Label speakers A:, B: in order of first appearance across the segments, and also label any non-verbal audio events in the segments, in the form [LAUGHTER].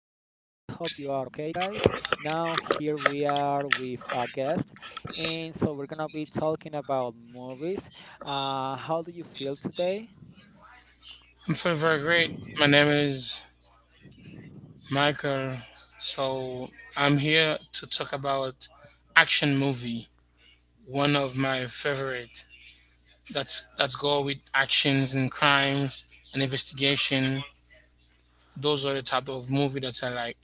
A: hope you are okay, guys. Now, here we are with a guest, and so we're gonna be talking about movies. How do you feel today?
B: I'm feeling very great. My name is Michael. So I'm here to talk about action movie, one of my favorite. That's go with actions and crimes and investigation. Those are the type of movie that I like.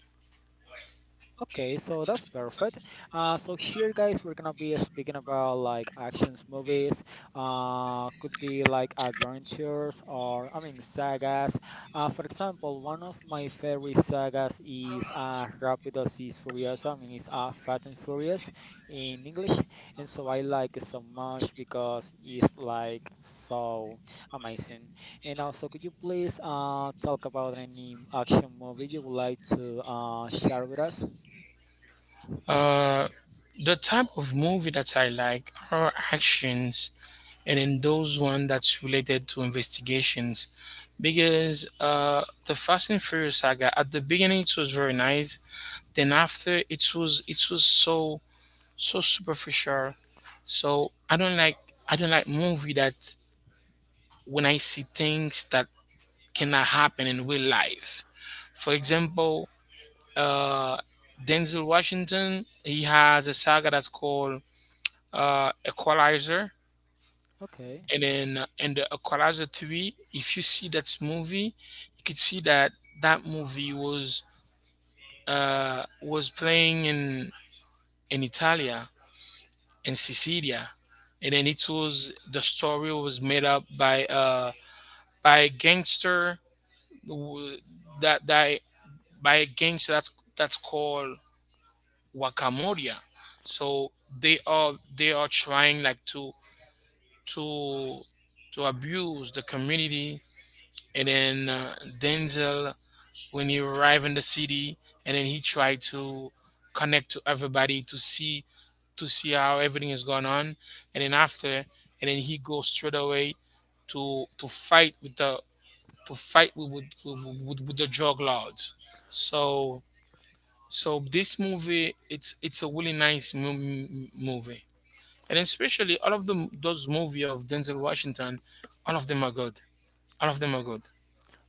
A: Okay, so that's perfect. So here, guys, we're gonna be speaking about, like, actions movies. Could be like adventures, or I mean sagas. For example, one of my favorite sagas is Rápidos y Furiosos. I mean, it's Fast and Furious in English, and so I like it so much because it's like so amazing. And also, could you please talk about any action movie you would like to share with us?
B: Uh, the type of movie that I like are actions, and then those one that's related to investigations, because the Fast and Furious saga at the beginning it was very nice. Then after, it was so so superficial. So I don't like, I don't like movie that, when I see things that cannot happen in real life. For example, uh Denzel Washington, he has a saga that's called Equalizer.
A: Okay.
B: And then in the Equalizer 3, if you see that movie, you could see that that movie was playing in Italia, in Sicilia, and then it was the story was made up by a gangster who- that that by a gangster that's called Wakamoria. So they are trying like to to to abuse the community, and then Denzel, when he arrived in the city, and then he tried to connect to everybody to see, how everything is going on, and then after, and then he goes straight away to fight with the, to fight with with the drug lords. So so this movie, it's a really nice movie, and especially all of them, those movie of Denzel Washington, all of them are good. All of them are good.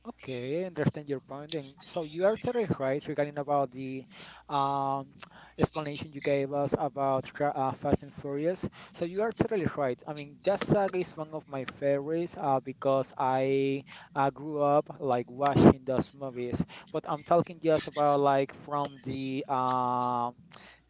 A: Okay, I understand your point. And so you are totally right regarding about the um, [TSK] explanation you gave us about Fast and Furious. So you are totally right. I mean, that saga is one of my favorites because I grew up like watching those movies. But I'm talking just about, like, from the um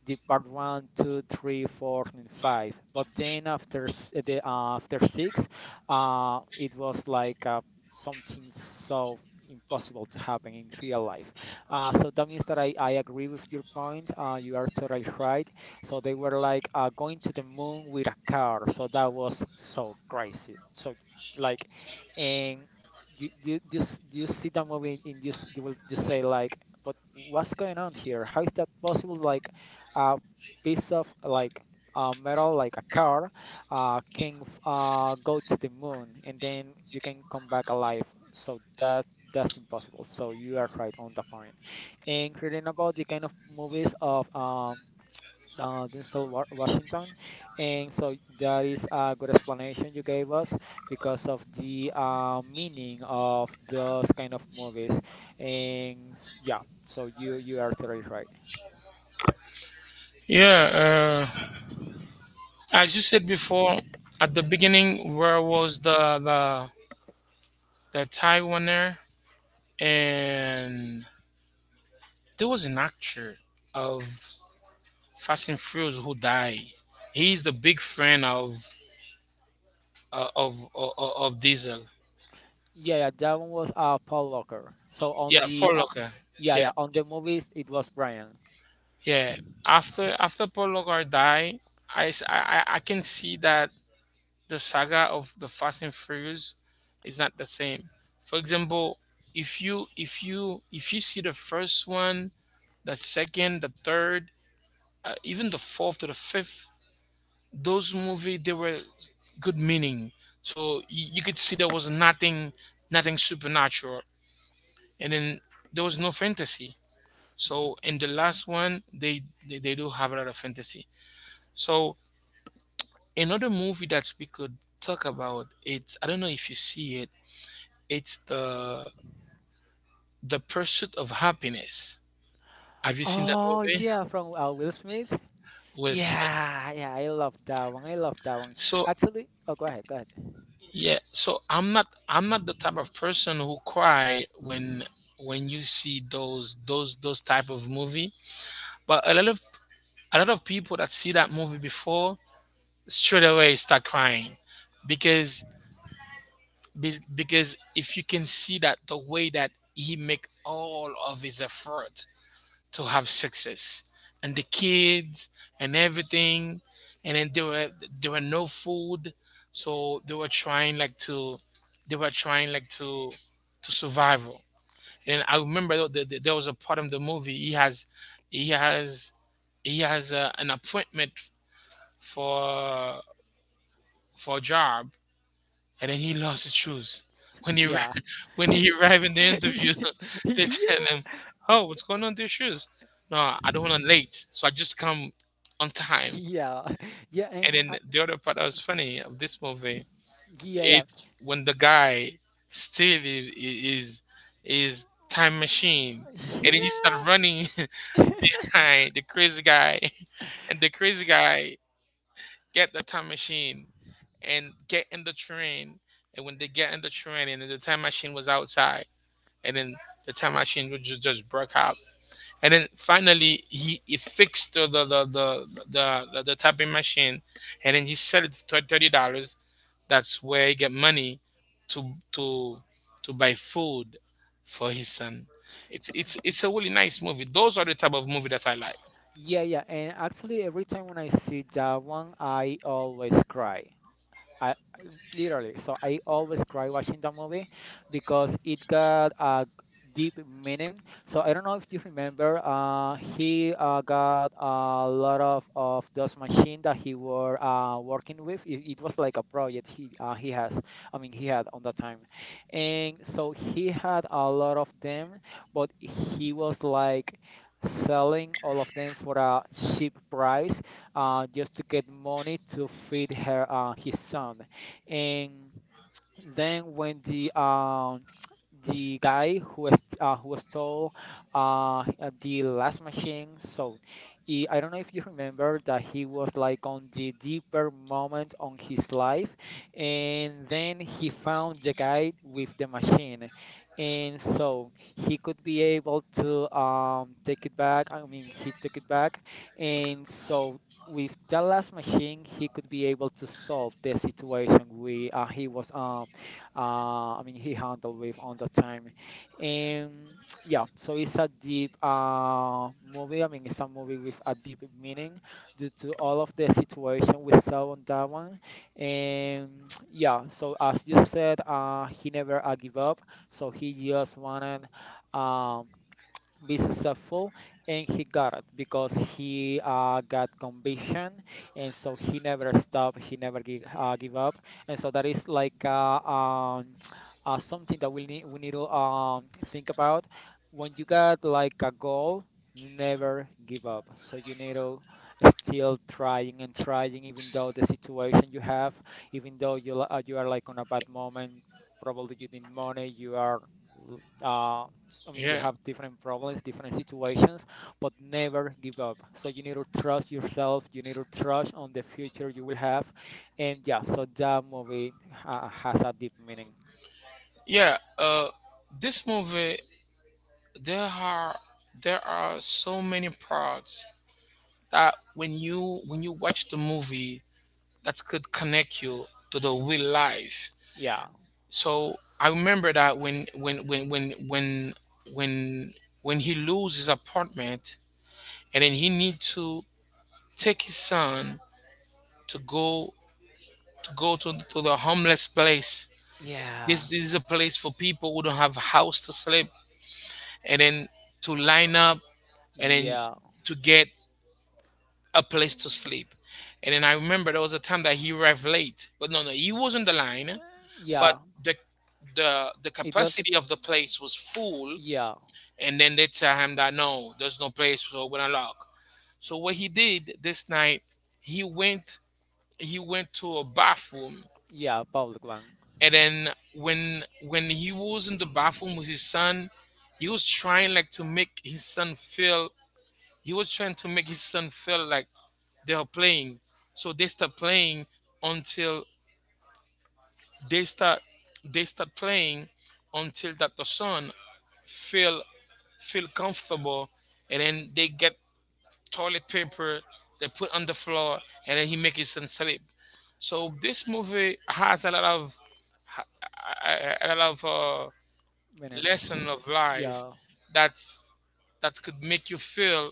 A: the part one, two, three, four, and five. But then after s- eh, the after six, it was like something so impossible to happen in real life. So that means that I agree with your point. You are totally right. So they were like going to the moon with a car. So that was so crazy. So, like, and you see that movie and you will just say, like, but what's going on here? How is that possible? Like a piece of, like, metal, like a car, go to the moon and then you can come back alive. So that's impossible. So you are right on the point. And reading about the kind of movies of Denzel Washington, and so that is a good explanation you gave us because of the meaning of those kind of movies. Yeah, so you are totally right.
B: Yeah, as you said before, at the beginning, where was the the tie winner, and there was an actor of Fast and Furious who died. He is the big friend of of Diesel.
A: Yeah, yeah, that one was Paul Walker. So on
B: Yeah,
A: the
B: Paul Walker.
A: yeah,
B: Yeah,
A: yeah, on the movies it was Brian.
B: yeah. After Paul Walker died, I, s- I can see that the saga of the Fast and Furious is not the same. For example, if you if you see the first one, the second, the third, even the fourth to the fifth, those movie they were good meaning. So you, could see there was nothing, nothing supernatural, and then there was no fantasy. So in the last one, they they do have a lot of fantasy. So another movie that we could talk about, it's I don't know if you see it. It's the pursuit of happiness. Have you seen that
A: Oh
B: movie?
A: yeah,
B: Yeah.
A: from Will Smith.
B: With,
A: Yeah, yeah, I love that one. I love that one.
B: so
A: Actually, oh, go ahead, go ahead.
B: yeah, so I'm not, I'm not the type of person who cry when you see those type of movie. But a lot of, a lot of people that see that movie before straight away start crying because, be- because if you can see that the way that he make all of his effort to have success and the kids and everything, and then there were, there were no food, so they were trying like to, they were trying like to to survive. And I remember though that there was a part of the movie. He has, he has he has a, an appointment for for a job, and then he lost his shoes. When he arri-
A: [LAUGHS] Yeah.
B: [LAUGHS] when he arrived in the
A: [LAUGHS]
B: interview, [LAUGHS]
A: Yeah.
B: they tell him, "Oh, what's going on with your shoes?" No, I don't want to late, so I just come on time.
A: Yeah. Yeah,
B: And
A: and
B: then the other part that was funny of this movie,
A: yeah,
B: it's when the guy still is, is time machine, and then he start
A: yeah.
B: running
A: Yeah. [LAUGHS]
B: [LAUGHS] behind the crazy guy, [LAUGHS] and the crazy guy get the time machine and get in the train, and when they get in the train and the time machine was outside, and then the time machine would just, broke out. And then finally, he fixed the, the tapping machine, and then he sold it for $30. That's where he get money to to buy food for his son. It's it's a really nice movie. Those are the type of movie that I like.
A: Yeah, yeah, and actually every time when I see that one, I always cry. I literally. So I always cry watching that movie because it got a deep meaning. So I don't know if you remember, he got a lot of those machine that he were working with. It was like a project he has. I mean, he had on that time, and so he had a lot of them, but he was like selling all of them for a cheap price just to get money to feed her his son. And then when the guy who stole the last machine. So he, I don't know if you remember that he was like on the deeper moment on his life, and then he found the guy with the machine, and so he could be able to take it back. I mean, he took it back, and so. With the last machine, he could be able to solve the situation we he was I mean, he handled with on that time, and yeah. So it's a deep movie. I mean, it's a movie with a deep meaning due to all of the situation we saw on that one. And yeah, so as you said, he never give up. So he just wanted um be successful, and he got it because he got conviction, and so he never stopped. He never give up, and so that is like [TSK] something that we need to think about. When you got like a goal, never give up, so you need to still trying and trying, even though the situation you have, even though you are like on a bad moment. Probably you need money, you are uh, I mean, you
B: Yeah.
A: have different problems, different situations, but never give up. So you need to trust yourself. You need to trust on the future you will have, and yeah. So that movie ha has a deep meaning.
B: Yeah, this movie, there are, there are so many parts that when you, when you watch the movie, that could connect you to the real life.
A: Yeah,
B: So I remember that when when he loses his apartment and then he need to take his son to go, to go to, the homeless place.
A: yeah,
B: This is a place for people who don't have a house to sleep, and then to line up, and then
A: yeah,
B: to get a place to sleep. And then I remember there was a time that he arrived late, but no, no, he was on the line, but
A: yeah.
B: the, the
A: It was
B: capacity of the place was full,
A: yeah,
B: and then they tell him that no, there's no place, so we're gonna lock. So what he did this night, he went, he went to a bathroom,
A: yeah. Public one,
B: and then when he was in the bathroom with his son, he was trying like to make his son feel. He was trying to make his son feel like they are playing. So they start playing until, they start they start playing until that the son feel, feel comfortable. And then they get toilet paper, they put on the floor, and then he make his son sleep. So this movie has a lot of, a lot of
A: meanings.
B: lesson of life
A: Yeah,
B: that's that could make you feel,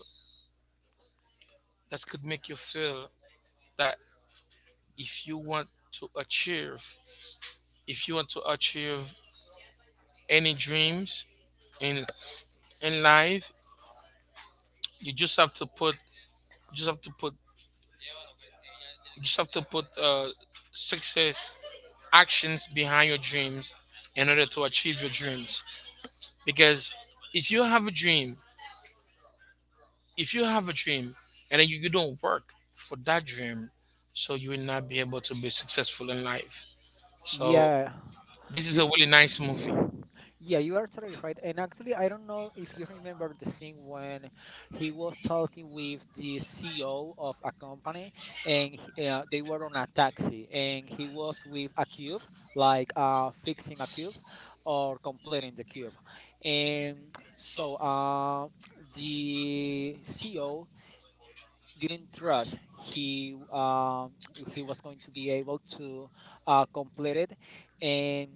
B: that could make you feel that if you want to achieve, if you want to achieve any dreams in life, you just have to put, just have to put just have to put success, actions behind your dreams in order to achieve your dreams. Because if you have a dream, if you have a dream and then you don't work for that dream, so you will not be able to be successful in life. So
A: yeah.
B: this is
A: You,
B: a really nice movie.
A: Yeah, you are totally right. And actually, I don't know if you remember the scene when he was talking with the CEO of a company, and they were on a taxi, and he was with a cube, like fixing a cube or completing the cube. And so the CEO didn't trust he was going to be able to complete it, and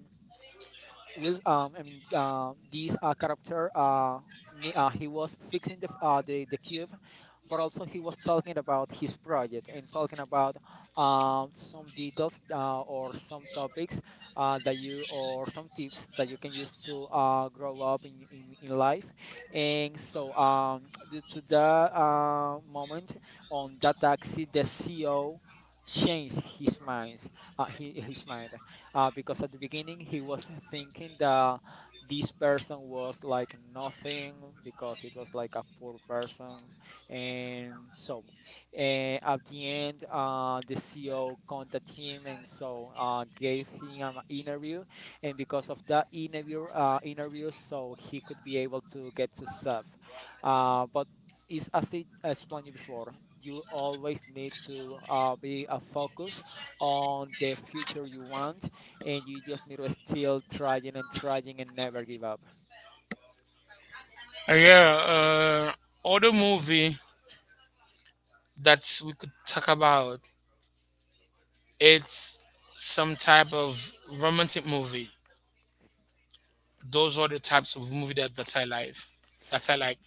A: Will I mean this character he was fixing the f- the cube, but also he was talking about his project and talking about some details or some topics that you or some tips that you can use to grow up in, life. And so due to that moment on that taxi, the CEO changed his mind because at the beginning he was thinking that this person was like nothing because it was like a poor person, and so at the end the CEO contacted him, and so gave him an interview, and because of that interview so he could be able to get to serve, but is, as I explained you before, you always need to be a focus on the future you want, and you just need to still trying and trying and never give up.
B: Yeah, other movie that we could talk about. It's some type of romantic movie. Those are the types of movie that I like. That I like.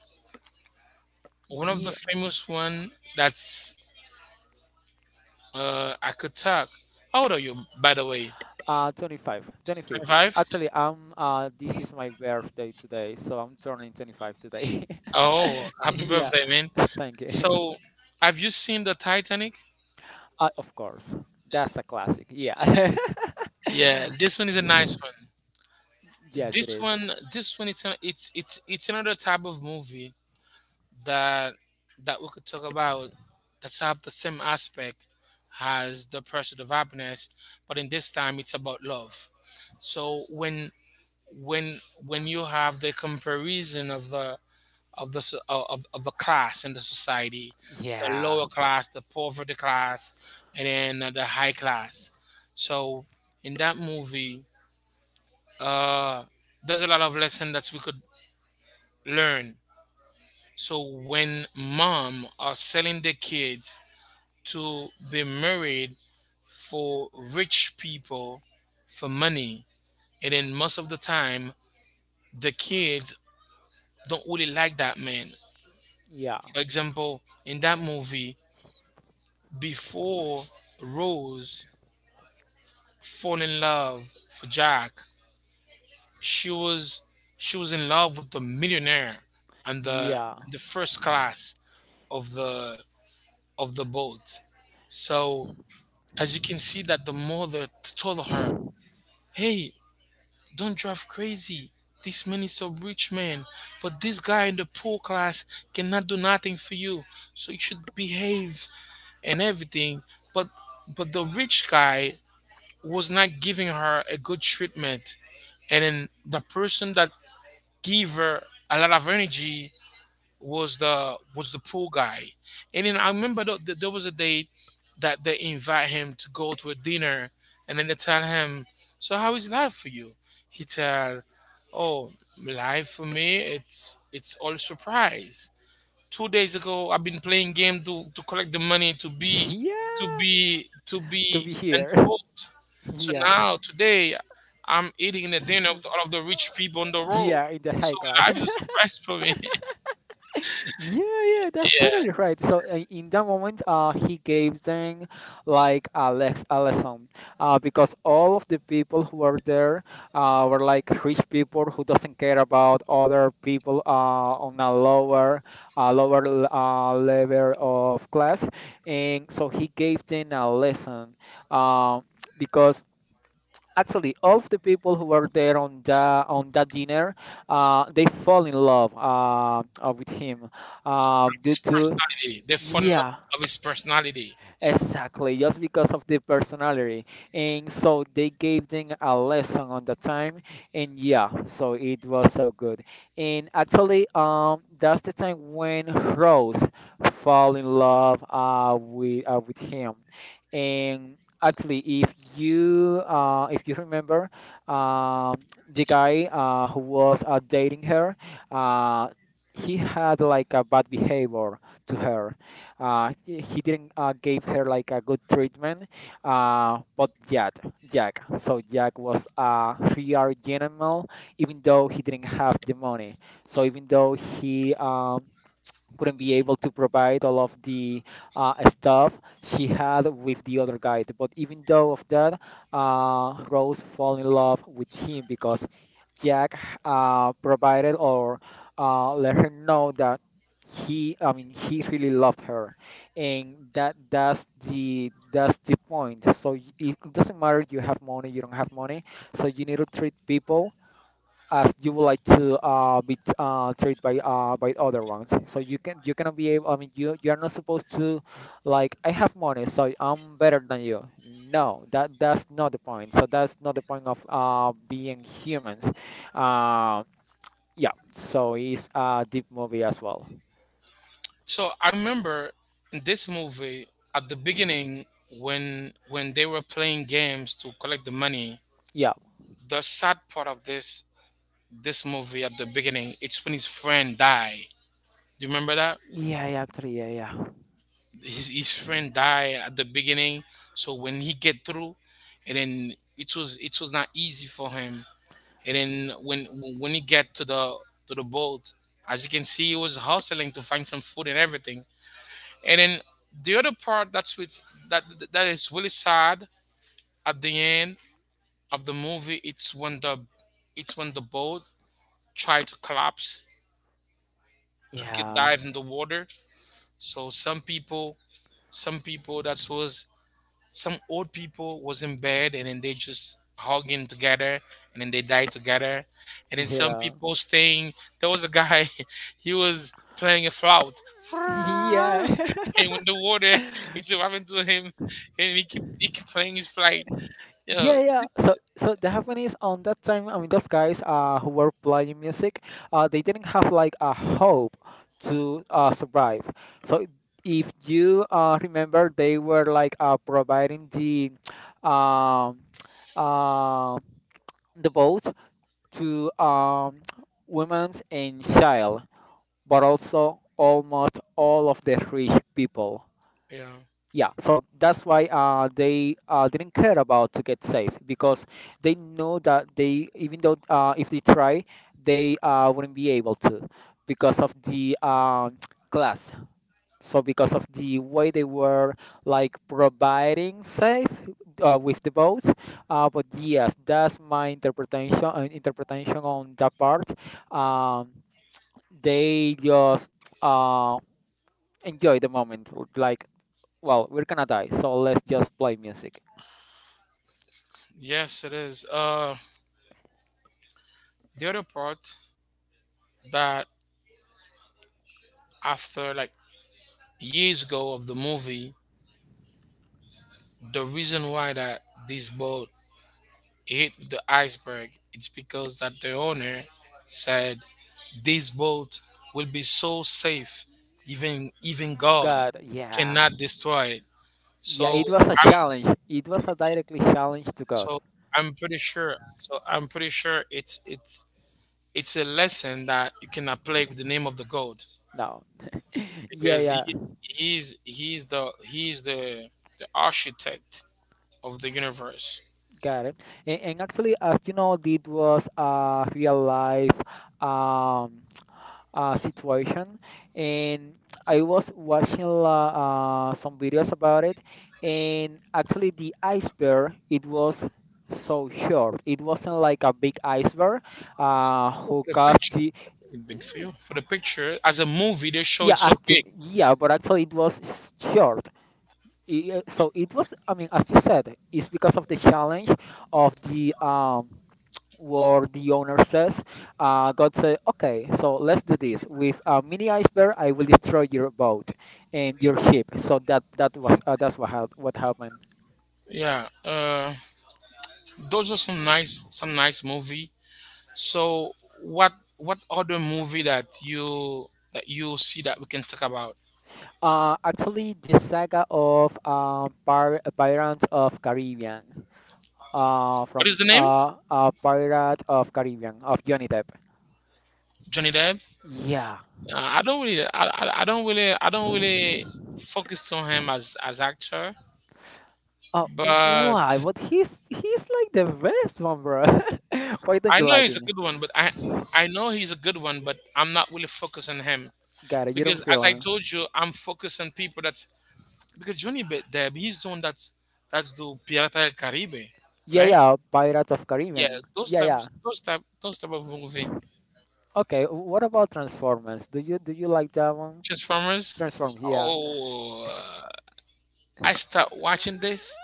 B: One of the
A: Yeah,
B: famous one that's I could talk. How old are you, by the way?
A: 25, 25.
B: 25.
A: Actually, I'm this is my birthday today, so I'm turning 25 today. [LAUGHS]
B: Oh, happy
A: Yeah,
B: birthday, man!
A: [LAUGHS] thank you.
B: So, have you seen the Titanic?
A: Of course, that's a classic. Yeah,
B: Yeah, this one is a nice one.
A: [LAUGHS] yes, it
B: This
A: is.
B: one, this one, it's an, it's it's another type of movie that we could talk about, that have the same aspect as the pursuit of happiness, but in this time it's about love. So when, when when you have the comparison of the, of the so- of the class in the society, the
A: Yeah,
B: lower class, the poverty class, and then the high class. So in that movie, uh, there's a lot of lesson that we could learn. So when mom are selling the kids to be married for rich people for money. And then most of the time, the kids don't really like that man.
A: yeah,
B: For example, in that movie, before Rose fall in love for Jack, she was, she was in love with the millionaire and the
A: yeah,
B: the first class of the of the boat. So as you can see that the mother told her, "Hey, don't drive crazy. This man is a rich man, but this guy in the poor class cannot do nothing for you. So you should behave and everything. But the rich guy was not giving her a good treatment. And then the person that gave her a lot of energy was the, was the pool guy. And then I remember there was a day that they invite him to go to a dinner, and then they tell him, "So how is life for you?" He tell, "Oh, life for me it's all surprise." 2 days ago, I've been playing game to collect the money to be,
A: [LAUGHS]
B: to
A: yeah.
B: be to be
A: To be
B: in
A: here.
B: the
A: [LAUGHS]
B: boat. So
A: Yeah,
B: now today, I'm eating a dinner with all of the rich people on the road.
A: yeah, in the
B: So
A: high class.
B: life is a
A: [LAUGHS]
B: surprise for me. [LAUGHS]
A: Yeah, yeah, that's
B: Yeah.
A: totally right. So in that moment, he gave them like a lesson, because all of the people who were there were like rich people who doesn't care about other people on a level of class, and so he gave them a lesson, um, because actually of the people who were there on the on that dinner, they fall in love with him due
B: His
A: to,
B: personality. The fun in
A: yeah.
B: of his personality.
A: Exactly, just because of the personality. And so they gave them a lesson on the time, and yeah, so it was so good. And actually, that's the time when Rose fall in love with him. And actually, if you remember, um, the guy who was dating her, uh, he had like a bad behavior to her. He didn't give her like a good treatment. But yet, Jack. So Jack was a real gentleman, even though he didn't have the money. So even though he couldn't be able to provide all of the stuff she had with the other guy. But even though of that, Rose fell in love with him because Jack provided or let her know that I mean, he really loved her, and that's the point. So it doesn't matter you have money, you don't have money. So you need to treat people as you would like to treated by other ones. So you cannot be able. I mean, you are not supposed to, like, I have money, so I'm better than you. No, that's not the point. So that's not the point of being humans. Uh, yeah. So it's a deep movie as well.
B: So I remember in this movie at the beginning, when they were playing games to collect the money,
A: Yeah.
B: the sad part of this movie at the beginning, it's when his friend die. Do you remember that?
A: Yeah. Actually. Yeah.
B: His friend died at the beginning. So when he get through, and then it was, it was not easy for him. And then when he get to the, to the boat, as you can see, he was hustling to find some food and everything. And then the other part that's with that, that is really sad at the end of the movie, it's when the, it's when the boat tried to collapse to get
A: Yeah.
B: dive in the water. So some people that was some old people was in bed and then they just hugging together and then they died together and then
A: Yeah.
B: some
A: Yeah.
B: people
A: [LAUGHS]
B: staying, there was a guy [LAUGHS] he was playing a flout [LAUGHS]
A: Yeah.
B: and
A: [LAUGHS]
B: when the water [LAUGHS] it's arriving to him and he keep playing his flight, yeah,
A: Yeah, yeah. So, the happened is on that time. I mean, those guys who were playing music, they didn't have like a hope to survive. So, if you remember, they were like providing um uh, the boat to women's and child, but also almost all of the rich people.
B: yeah.
A: Yeah, so that's why they didn't care about to get safe because they know that they, even though if they try, they wouldn't be able to because of the [TSK] class. So because of the way they were like providing safe with the boats. But yes, that's my interpretation on that part. Um, they just uh, enjoy the moment, like, well, we're gonna die, so let's just play music.
B: Yes it is, the other part that after like years ago of the movie, the reason why that this boat hit the iceberg, it's because that the owner said this boat will be so safe, even God
A: God, yeah.
B: cannot destroy it.
A: Yeah,
B: So
A: it was a
B: I'm
A: challenge. It was a directly challenge to God.
B: so I'm pretty sure. So I'm pretty sure it's a lesson that you can apply with the name of the God
A: No. Yeah,
B: because
A: yeah,
B: he's the the architect of the universe.
A: got it. And actually, as you know, it was a real life um situation, and I was watching some videos about it, and actually, the iceberg, it was so short. It wasn't like a big iceberg
B: For
A: who
B: the
A: caused.
B: picture, big for you. For the picture, as a movie, they show it
A: Yeah,
B: so
A: asked him.
B: big.
A: Yeah, but actually it was short. Yeah, so it was, I mean, as you said, it's because of the challenge of the where the owner says, God said, okay, so let's do this. With a mini iceberg, I will destroy your boat and your ship. So that was that's what happened.
B: Yeah, those are some nice movie. So, what other movie that you, that you see that we can talk about?
A: Actually, the saga of um Pirates of Caribbean, uh,
B: What
A: from
B: is the name?
A: uh, uh Pirate of Caribbean of Johnny Depp.
B: Johnny Depp.
A: Yeah.
B: I don't really, I don't really, I don't really focus on him as actor,
A: Oh,
B: but
A: why? But he's like the best one, bro. [LAUGHS] Why don't
B: I
A: you
B: know
A: like
B: he's a
A: him?
B: good one. But I know he's a good one, but I'm not really focused on him
A: Got it. You don't
B: because,
A: feel
B: as I
A: him.
B: told you, I'm focused on people that's, because Johnny Depp, he's the one that's do Pirata del Caribe,
A: Yeah,
B: right?
A: yeah. Pirates of
B: Yeah,
A: Caribbean.
B: those
A: Yeah, yeah.
B: types, those type of movie.
A: Okay. What about Transformers? Do you like that one?
B: Transformers.
A: Transform. Yeah. [LAUGHS]
B: Oh, I start watching this,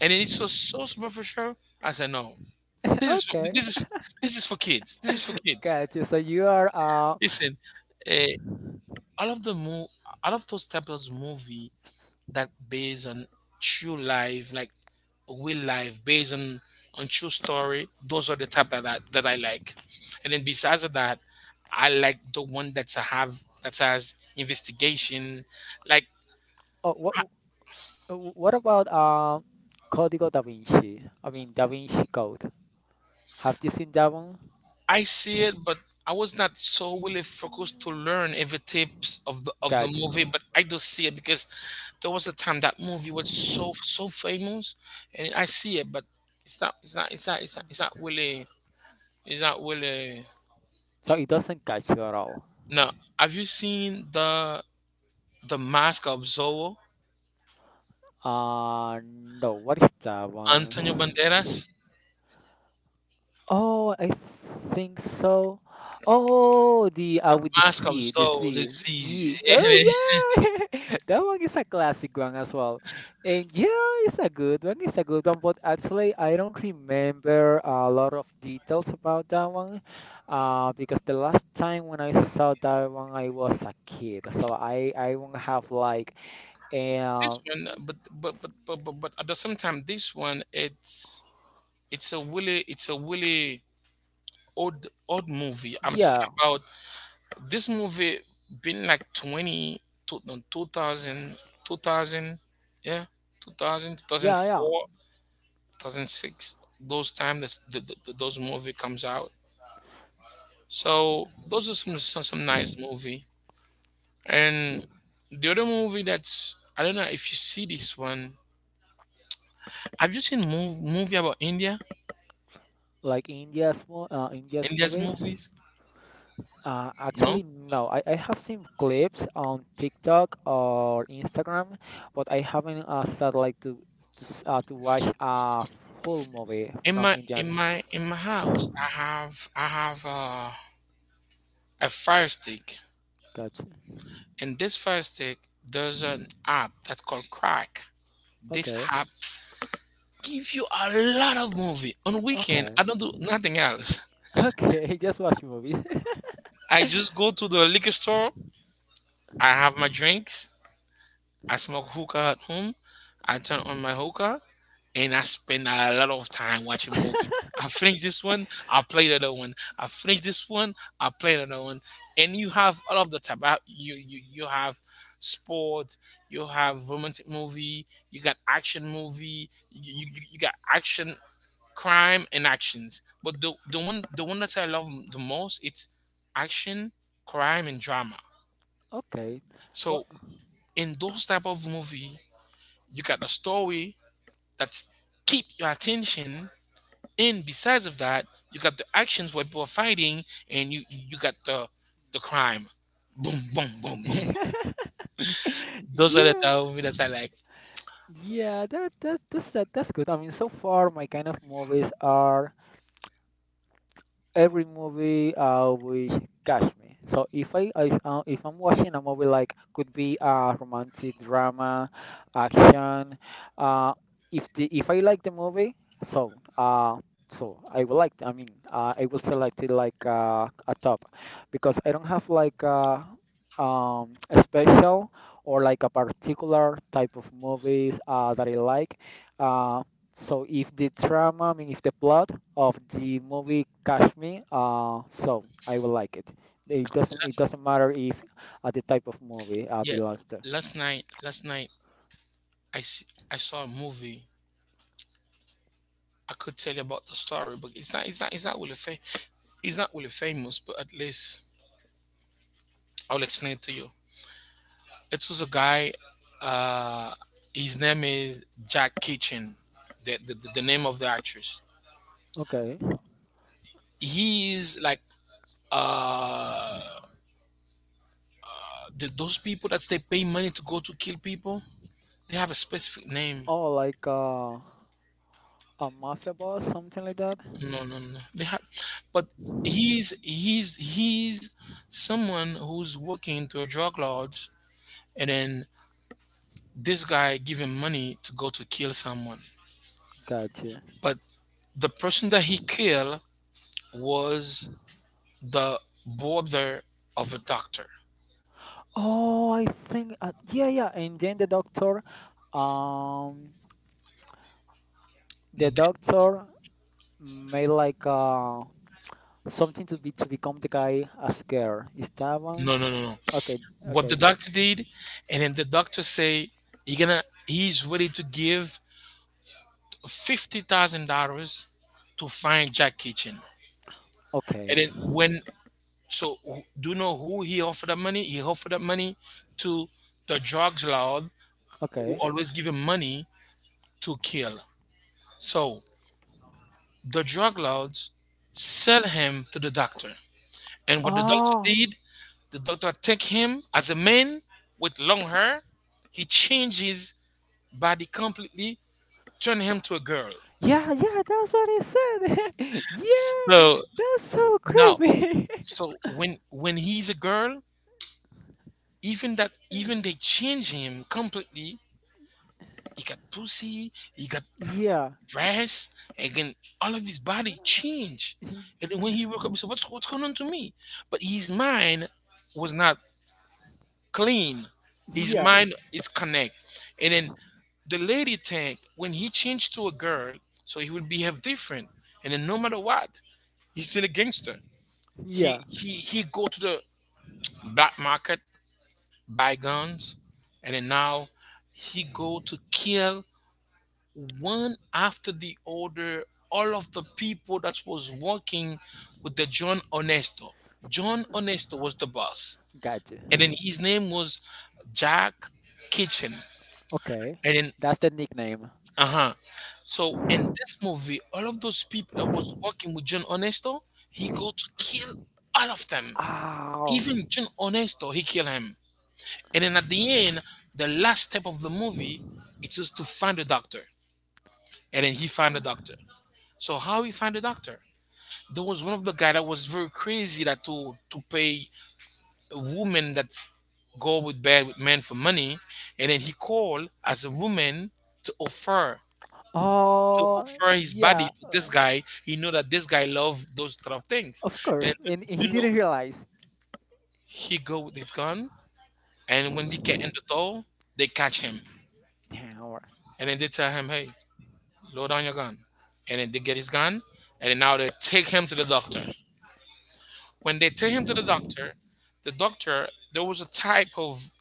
B: and then it's so so superficial. I said, no, this is
A: Okay.
B: this is this is for kids. This is for kids.
A: Got you. So you are.
B: Listen, uh, all of the mo, all of those types of movie that based on true life, like real life, based on true story, those are the type that I, that I like. And then besides of that, I like the one that's a have that has investigation, like
A: Oh, what about Código Da Vinci? I mean Da Vinci Code. Have you seen that one?
B: I see it, but I was not so really focused to learn every tips of the
A: Got
B: movie,
A: you.
B: but I do see it because there was a time that movie was so so famous, and I see it, but it's not it's not it's not it's not, it's not really
A: So it doesn't catch you at all.
B: no. Have you seen the mask of Zorro?
A: No. What is that
B: Antonio
A: one?
B: Banderas.
A: Oh, I think so. Oh, the
B: The
A: with the
B: Mask of
A: sea, the
B: Zorro.
A: sea.
B: Let's see.
A: Ye oh
B: [LAUGHS]
A: yeah, [LAUGHS] that one is a classic one as well. And yeah, it's a good one. It's a good one. But actually, I don't remember a lot of details about that one, because the last time when I saw that one, I was a kid, so I won't have like,
B: This
A: um,
B: one, but at the same time, this one it's it's a really old old movie. I'm talking
A: yeah,
B: about this movie been like 20 to, no, 2000, 2000, yeah, 2000,
A: yeah, yeah.
B: 2004, 2006, those time this those movie comes out. So those are some some nice movie. And the other movie that's, I don't know if you see this one. Have you seen movie about India?
A: Like India's mo India's
B: India's
A: movies.
B: movies? No.
A: Actually, no. I have seen clips on TikTok or Instagram, but I haven't started like to, to watch a full movie
B: In
A: from
B: my in
A: Indians.
B: my in my house, I have a fire stick.
A: Gotcha.
B: And this fire stick, there's an app that's called Crack. This
A: Okay.
B: app gives you a lot of movie. On weekend,
A: Okay.
B: I don't
A: [LAUGHS]
B: do nothing else.
A: Okay. Just watch movies. [LAUGHS]
B: I just go to the liquor store. I have my drinks. I smoke hookah at home. I turn on my hookah and I spend a lot of time watching movies. I finish this one, I play the other one. I finish this one, I play the other one. And you have all of the type. You have sport, you have romantic movie, you got action movie, you got action, crime and actions. But the one that I love the most it's action, crime and drama.
A: Okay.
B: So
A: Well,
B: in those type of movie, you got a story that's keep your attention. And besides of that, you got the actions where people are fighting, and you got the crime. Boom, boom, boom,
A: [LAUGHS]
B: boom.
A: yeah.
B: Those are the type of movies that I like.
A: Yeah. That's good. I mean, so far my kind of movies are every movie will catch me. So if I, I if I'm watching a movie like could be a romantic drama, action, uh if the if I like the movie, so uh so I will like, I will select it like a top because I don't have like a special or like a particular type of movies that I like. Uh, so if the trama, I mean, if the plot of the movie catch me, so I will like it. It doesn't it
B: Last,
A: doesn't matter if the type of movie
B: yeah,
A: belongs to.
B: last night I saw a movie. I could tell you about the story, but it's not really famous. But at least I'll explain it to you. It was a guy. Uh, his name is Jack Kitchen. The name of the actress.
A: Okay.
B: He is like uh the, those people that they pay money to go to kill people, they have a specific name.
A: Oh, like a mafia boss, something like that.
B: No, no, no. They have, but he's someone who's working to a drug lord, and then this guy give him money to go to kill someone.
A: Gotcha.
B: But the person that he killed was the brother of a doctor.
A: Oh, I think yeah, yeah. And then um, the
B: The-
A: doctor made like something to be to become the guy a scare. Is that one?
B: no, no, no, no.
A: Okay,
B: What the
A: okay,
B: doctor did, and then the doctor say, "He gonna, he's ready to give $50,000 to find Jack Kitchen." And
A: okay,
B: then when, so who, do you know who he offered that money? He offered that money to the drug lord who
A: okay.
B: always give him money to kill. So the drug lords sell him to the doctor. And what the doctor
A: Oh,
B: did, the doctor take him as a man with long hair. He changed his body completely, turn him to a girl.
A: yeah, yeah, that's what it said. [LAUGHS] Yeah,
B: So
A: that's so
B: now,
A: creepy. [LAUGHS]
B: so when he's a girl, even that even they change him completely, he got pussy, he got
A: Yeah,
B: breasts again, all of his body changed.
A: [LAUGHS]
B: And then when he woke up he said, what's going on to me, but his mind was not clean, his
A: yeah,
B: mind is connect. And then the lady tank, when he changed to a girl, so he would behave different. And then no matter what, he's still a gangster. he
A: yeah.
B: he he go to the black market, by guns, and then now he go to kill one after the other, all of the people that was working with the John Onesto. John Onesto was the boss.
A: Gotcha.
B: And then his name was Jack Kitchen.
A: Okay,
B: And then,
A: that's the nickname.
B: uh-huh, so in this movie all of those people that was working with John Onesto, he go to kill all of them,
A: Oh,
B: even John Onesto he kill him. And then at the end, the last step of the movie, it is to find a doctor. And then he find a doctor. So how he find a doctor? There was one of the guy that was very crazy, that to pay a woman that go with bed with men for money, and then he called as a woman to offer, to
A: oh,
B: offer his
A: yeah,
B: body to this guy. He know that this guy love those type of things,
A: of
B: and
A: course. And he
B: you know,
A: didn't realize.
B: he go with his gun, and when he get in the door, they catch him,
A: Damn,
B: and then they tell him, hey, load down your gun. And then they get his gun, and then now they take him to the doctor. When they take him to the doctor, there was a type of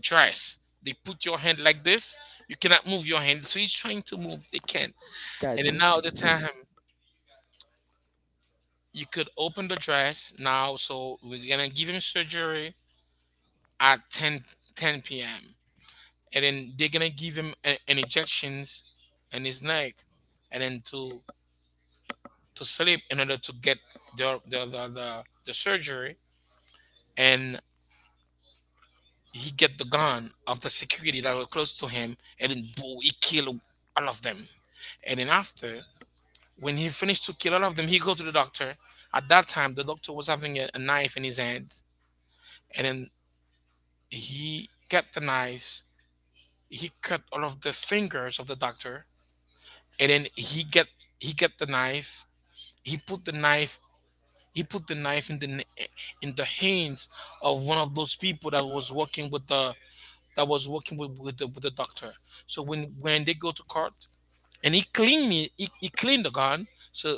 B: dress. They put your hand like this. You cannot move your hand. So he's trying to move. They can't. And then
A: gotcha.
B: now they tell him, you could open the dress now. So we're going to give him surgery at 10:10 p.m. And then they're going to give him an injections in his neck. And then to sleep in order to get the surgery. And he get the gun of the security that were close to him and then boom he kill all of them. And then after, when he finished to kill all of them, he go to the doctor. At that time the doctor was having a knife in his hand, and then he get the knives, he cut all of the fingers of the doctor. And then he get the knife, he put the knife, he put the knife in the hands of one of those people that was working with the, that was working with the doctor. So when they go to court and he cleaned it, he cleaned the gun. So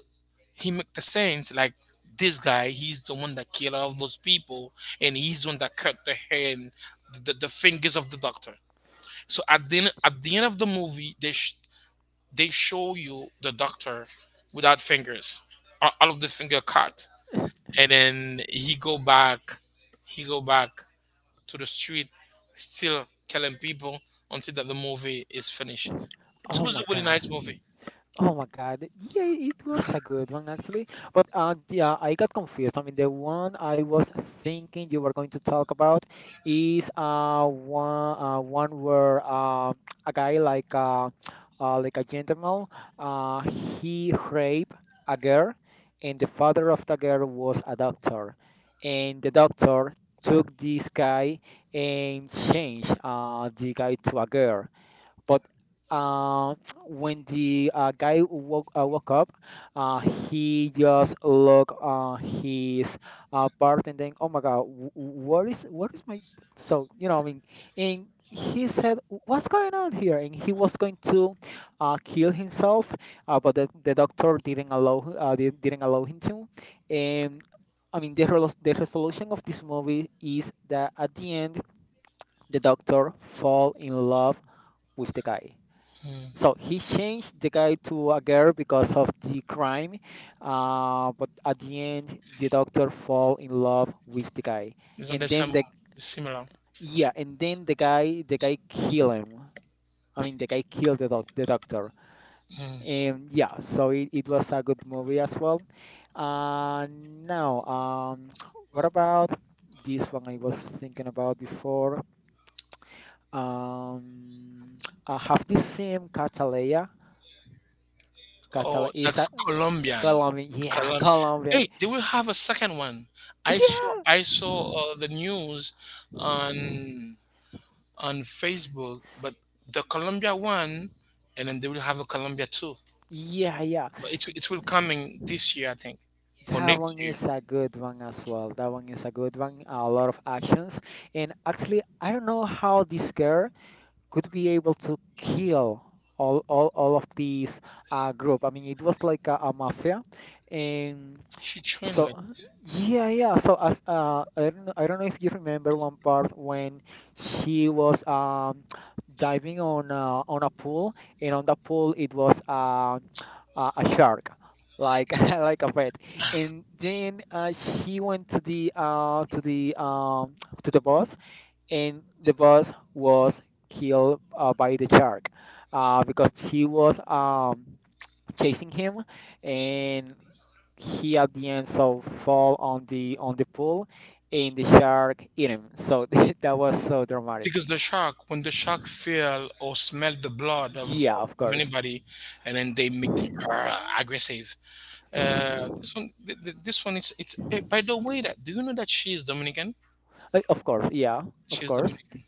B: he make the sense like this guy, he's the one that killed all those people, and he's the one that cut the hand, the fingers of the doctor. So at the end of the movie, they show you the doctor without fingers, all of this finger cut. And then he go back to the street, still killing people until that the movie is finished. It
A: Oh
B: was
A: my
B: a really nice
A: god.
B: movie.
A: Oh my God. Yeah, it was a good one actually. But yeah, I got confused. I mean, the one I was thinking you were going to talk about is one where a guy like a gentleman uh he raped a girl and the father of the girl was a doctor and the doctor took this guy and changed the guy to a girl but uh, [TSK] when the guy woke up, uh, he just looked his bartender. Oh my God, what is my? So you know, I mean, and he said, "What's going on here?" And he was going to kill himself, but the doctor didn't allow didn't allow him to. And I mean, the the resolution of this movie is that at the end, the doctor fall in love with the guy.
B: Mm, it's
A: So he changed the guy to a girl because of the crime, but at the end, the doctor fall in love with the guy,
B: not
A: and
B: the
A: then
B: same,
A: the
B: it's similar.
A: yeah, and then the guy kill him. I mean, the guy killed the doctor,
B: Mm.
A: and yeah, so it was a good movie as well. Now, [TSK] what about this one I was thinking about before? Um, [TSK] have you seen Catalea? Catalea
B: Oh,
A: is
B: that's
A: a
B: Colombian. Colomb. Hey,
A: Colombian,
B: they will have a second one. I saw
A: yeah,
B: I saw the news on on Facebook, but the Colombia one, and then they will have a Colombia two.
A: yeah, yeah.
B: But it will coming this year, I think, or
A: That
B: next
A: one
B: year.
A: is a good one as well. That one is a good one. A lot of actions, and actually, I don't know how this girl could be able to kill all of these group. I mean, it was like a mafia, and
B: She trained
A: so
B: like this.
A: yeah, yeah. So as I don't know if you remember one part when she was [TSK] diving on a pool, and on the pool it was [TSK] a shark, like [LAUGHS] like a pet. And then she went to the [TSK] to the boss, and the boss was killed by the shark, because she was chasing him, and he at the end so fall on the pool and the shark eat him. So [LAUGHS] that was so dramatic.
B: Because the shark, when the shark feel or smell the blood of,
A: Yeah, of
B: of
A: course.
B: anybody, and then they make them aggressive. This one, this one is it's, eh, by the way, that do you know that she's Dominican?
A: Of course, yeah, of
B: She's
A: course.
B: Dominican.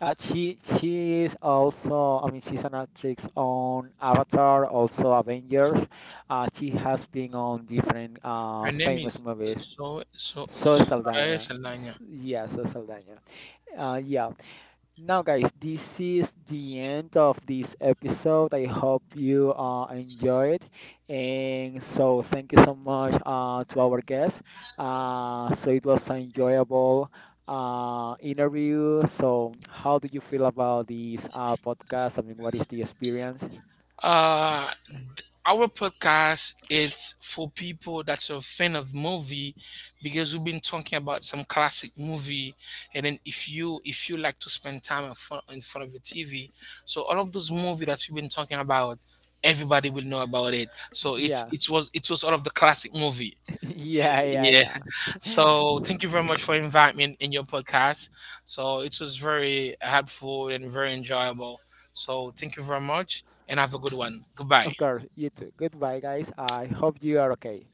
A: She is also, I mean, she's an actress on Avatar, also Avengers. She has been on different
B: Her name
A: famous
B: is
A: movies.
B: so so
A: So
B: Suarez
A: Saldana.
B: Elania.
A: S- Yeah, so Saldana. Yeah, now, guys, this is the end of this episode. I hope you enjoyed. And so, thank you so much to our guest. So, it was an enjoyable interview. So, how do you feel about this podcast? I mean, what is the experience?
B: The end. Our podcast is for people that's a fan of movie, because we've been talking about some classic movie. And then if you, if you like to spend time in front of your TV, so all of those movie that we've been talking about, everybody will know about it, so it's,
A: Yeah,
B: it was, it was all of the classic movie.
A: [LAUGHS] yeah, yeah,
B: Yeah,
A: yeah.
B: so thank you very much for inviting me in your podcast. So it was very helpful and very enjoyable. So thank you very much and have a good one. Goodbye.
A: Of course, you too. Goodbye, guys. I hope you are okay.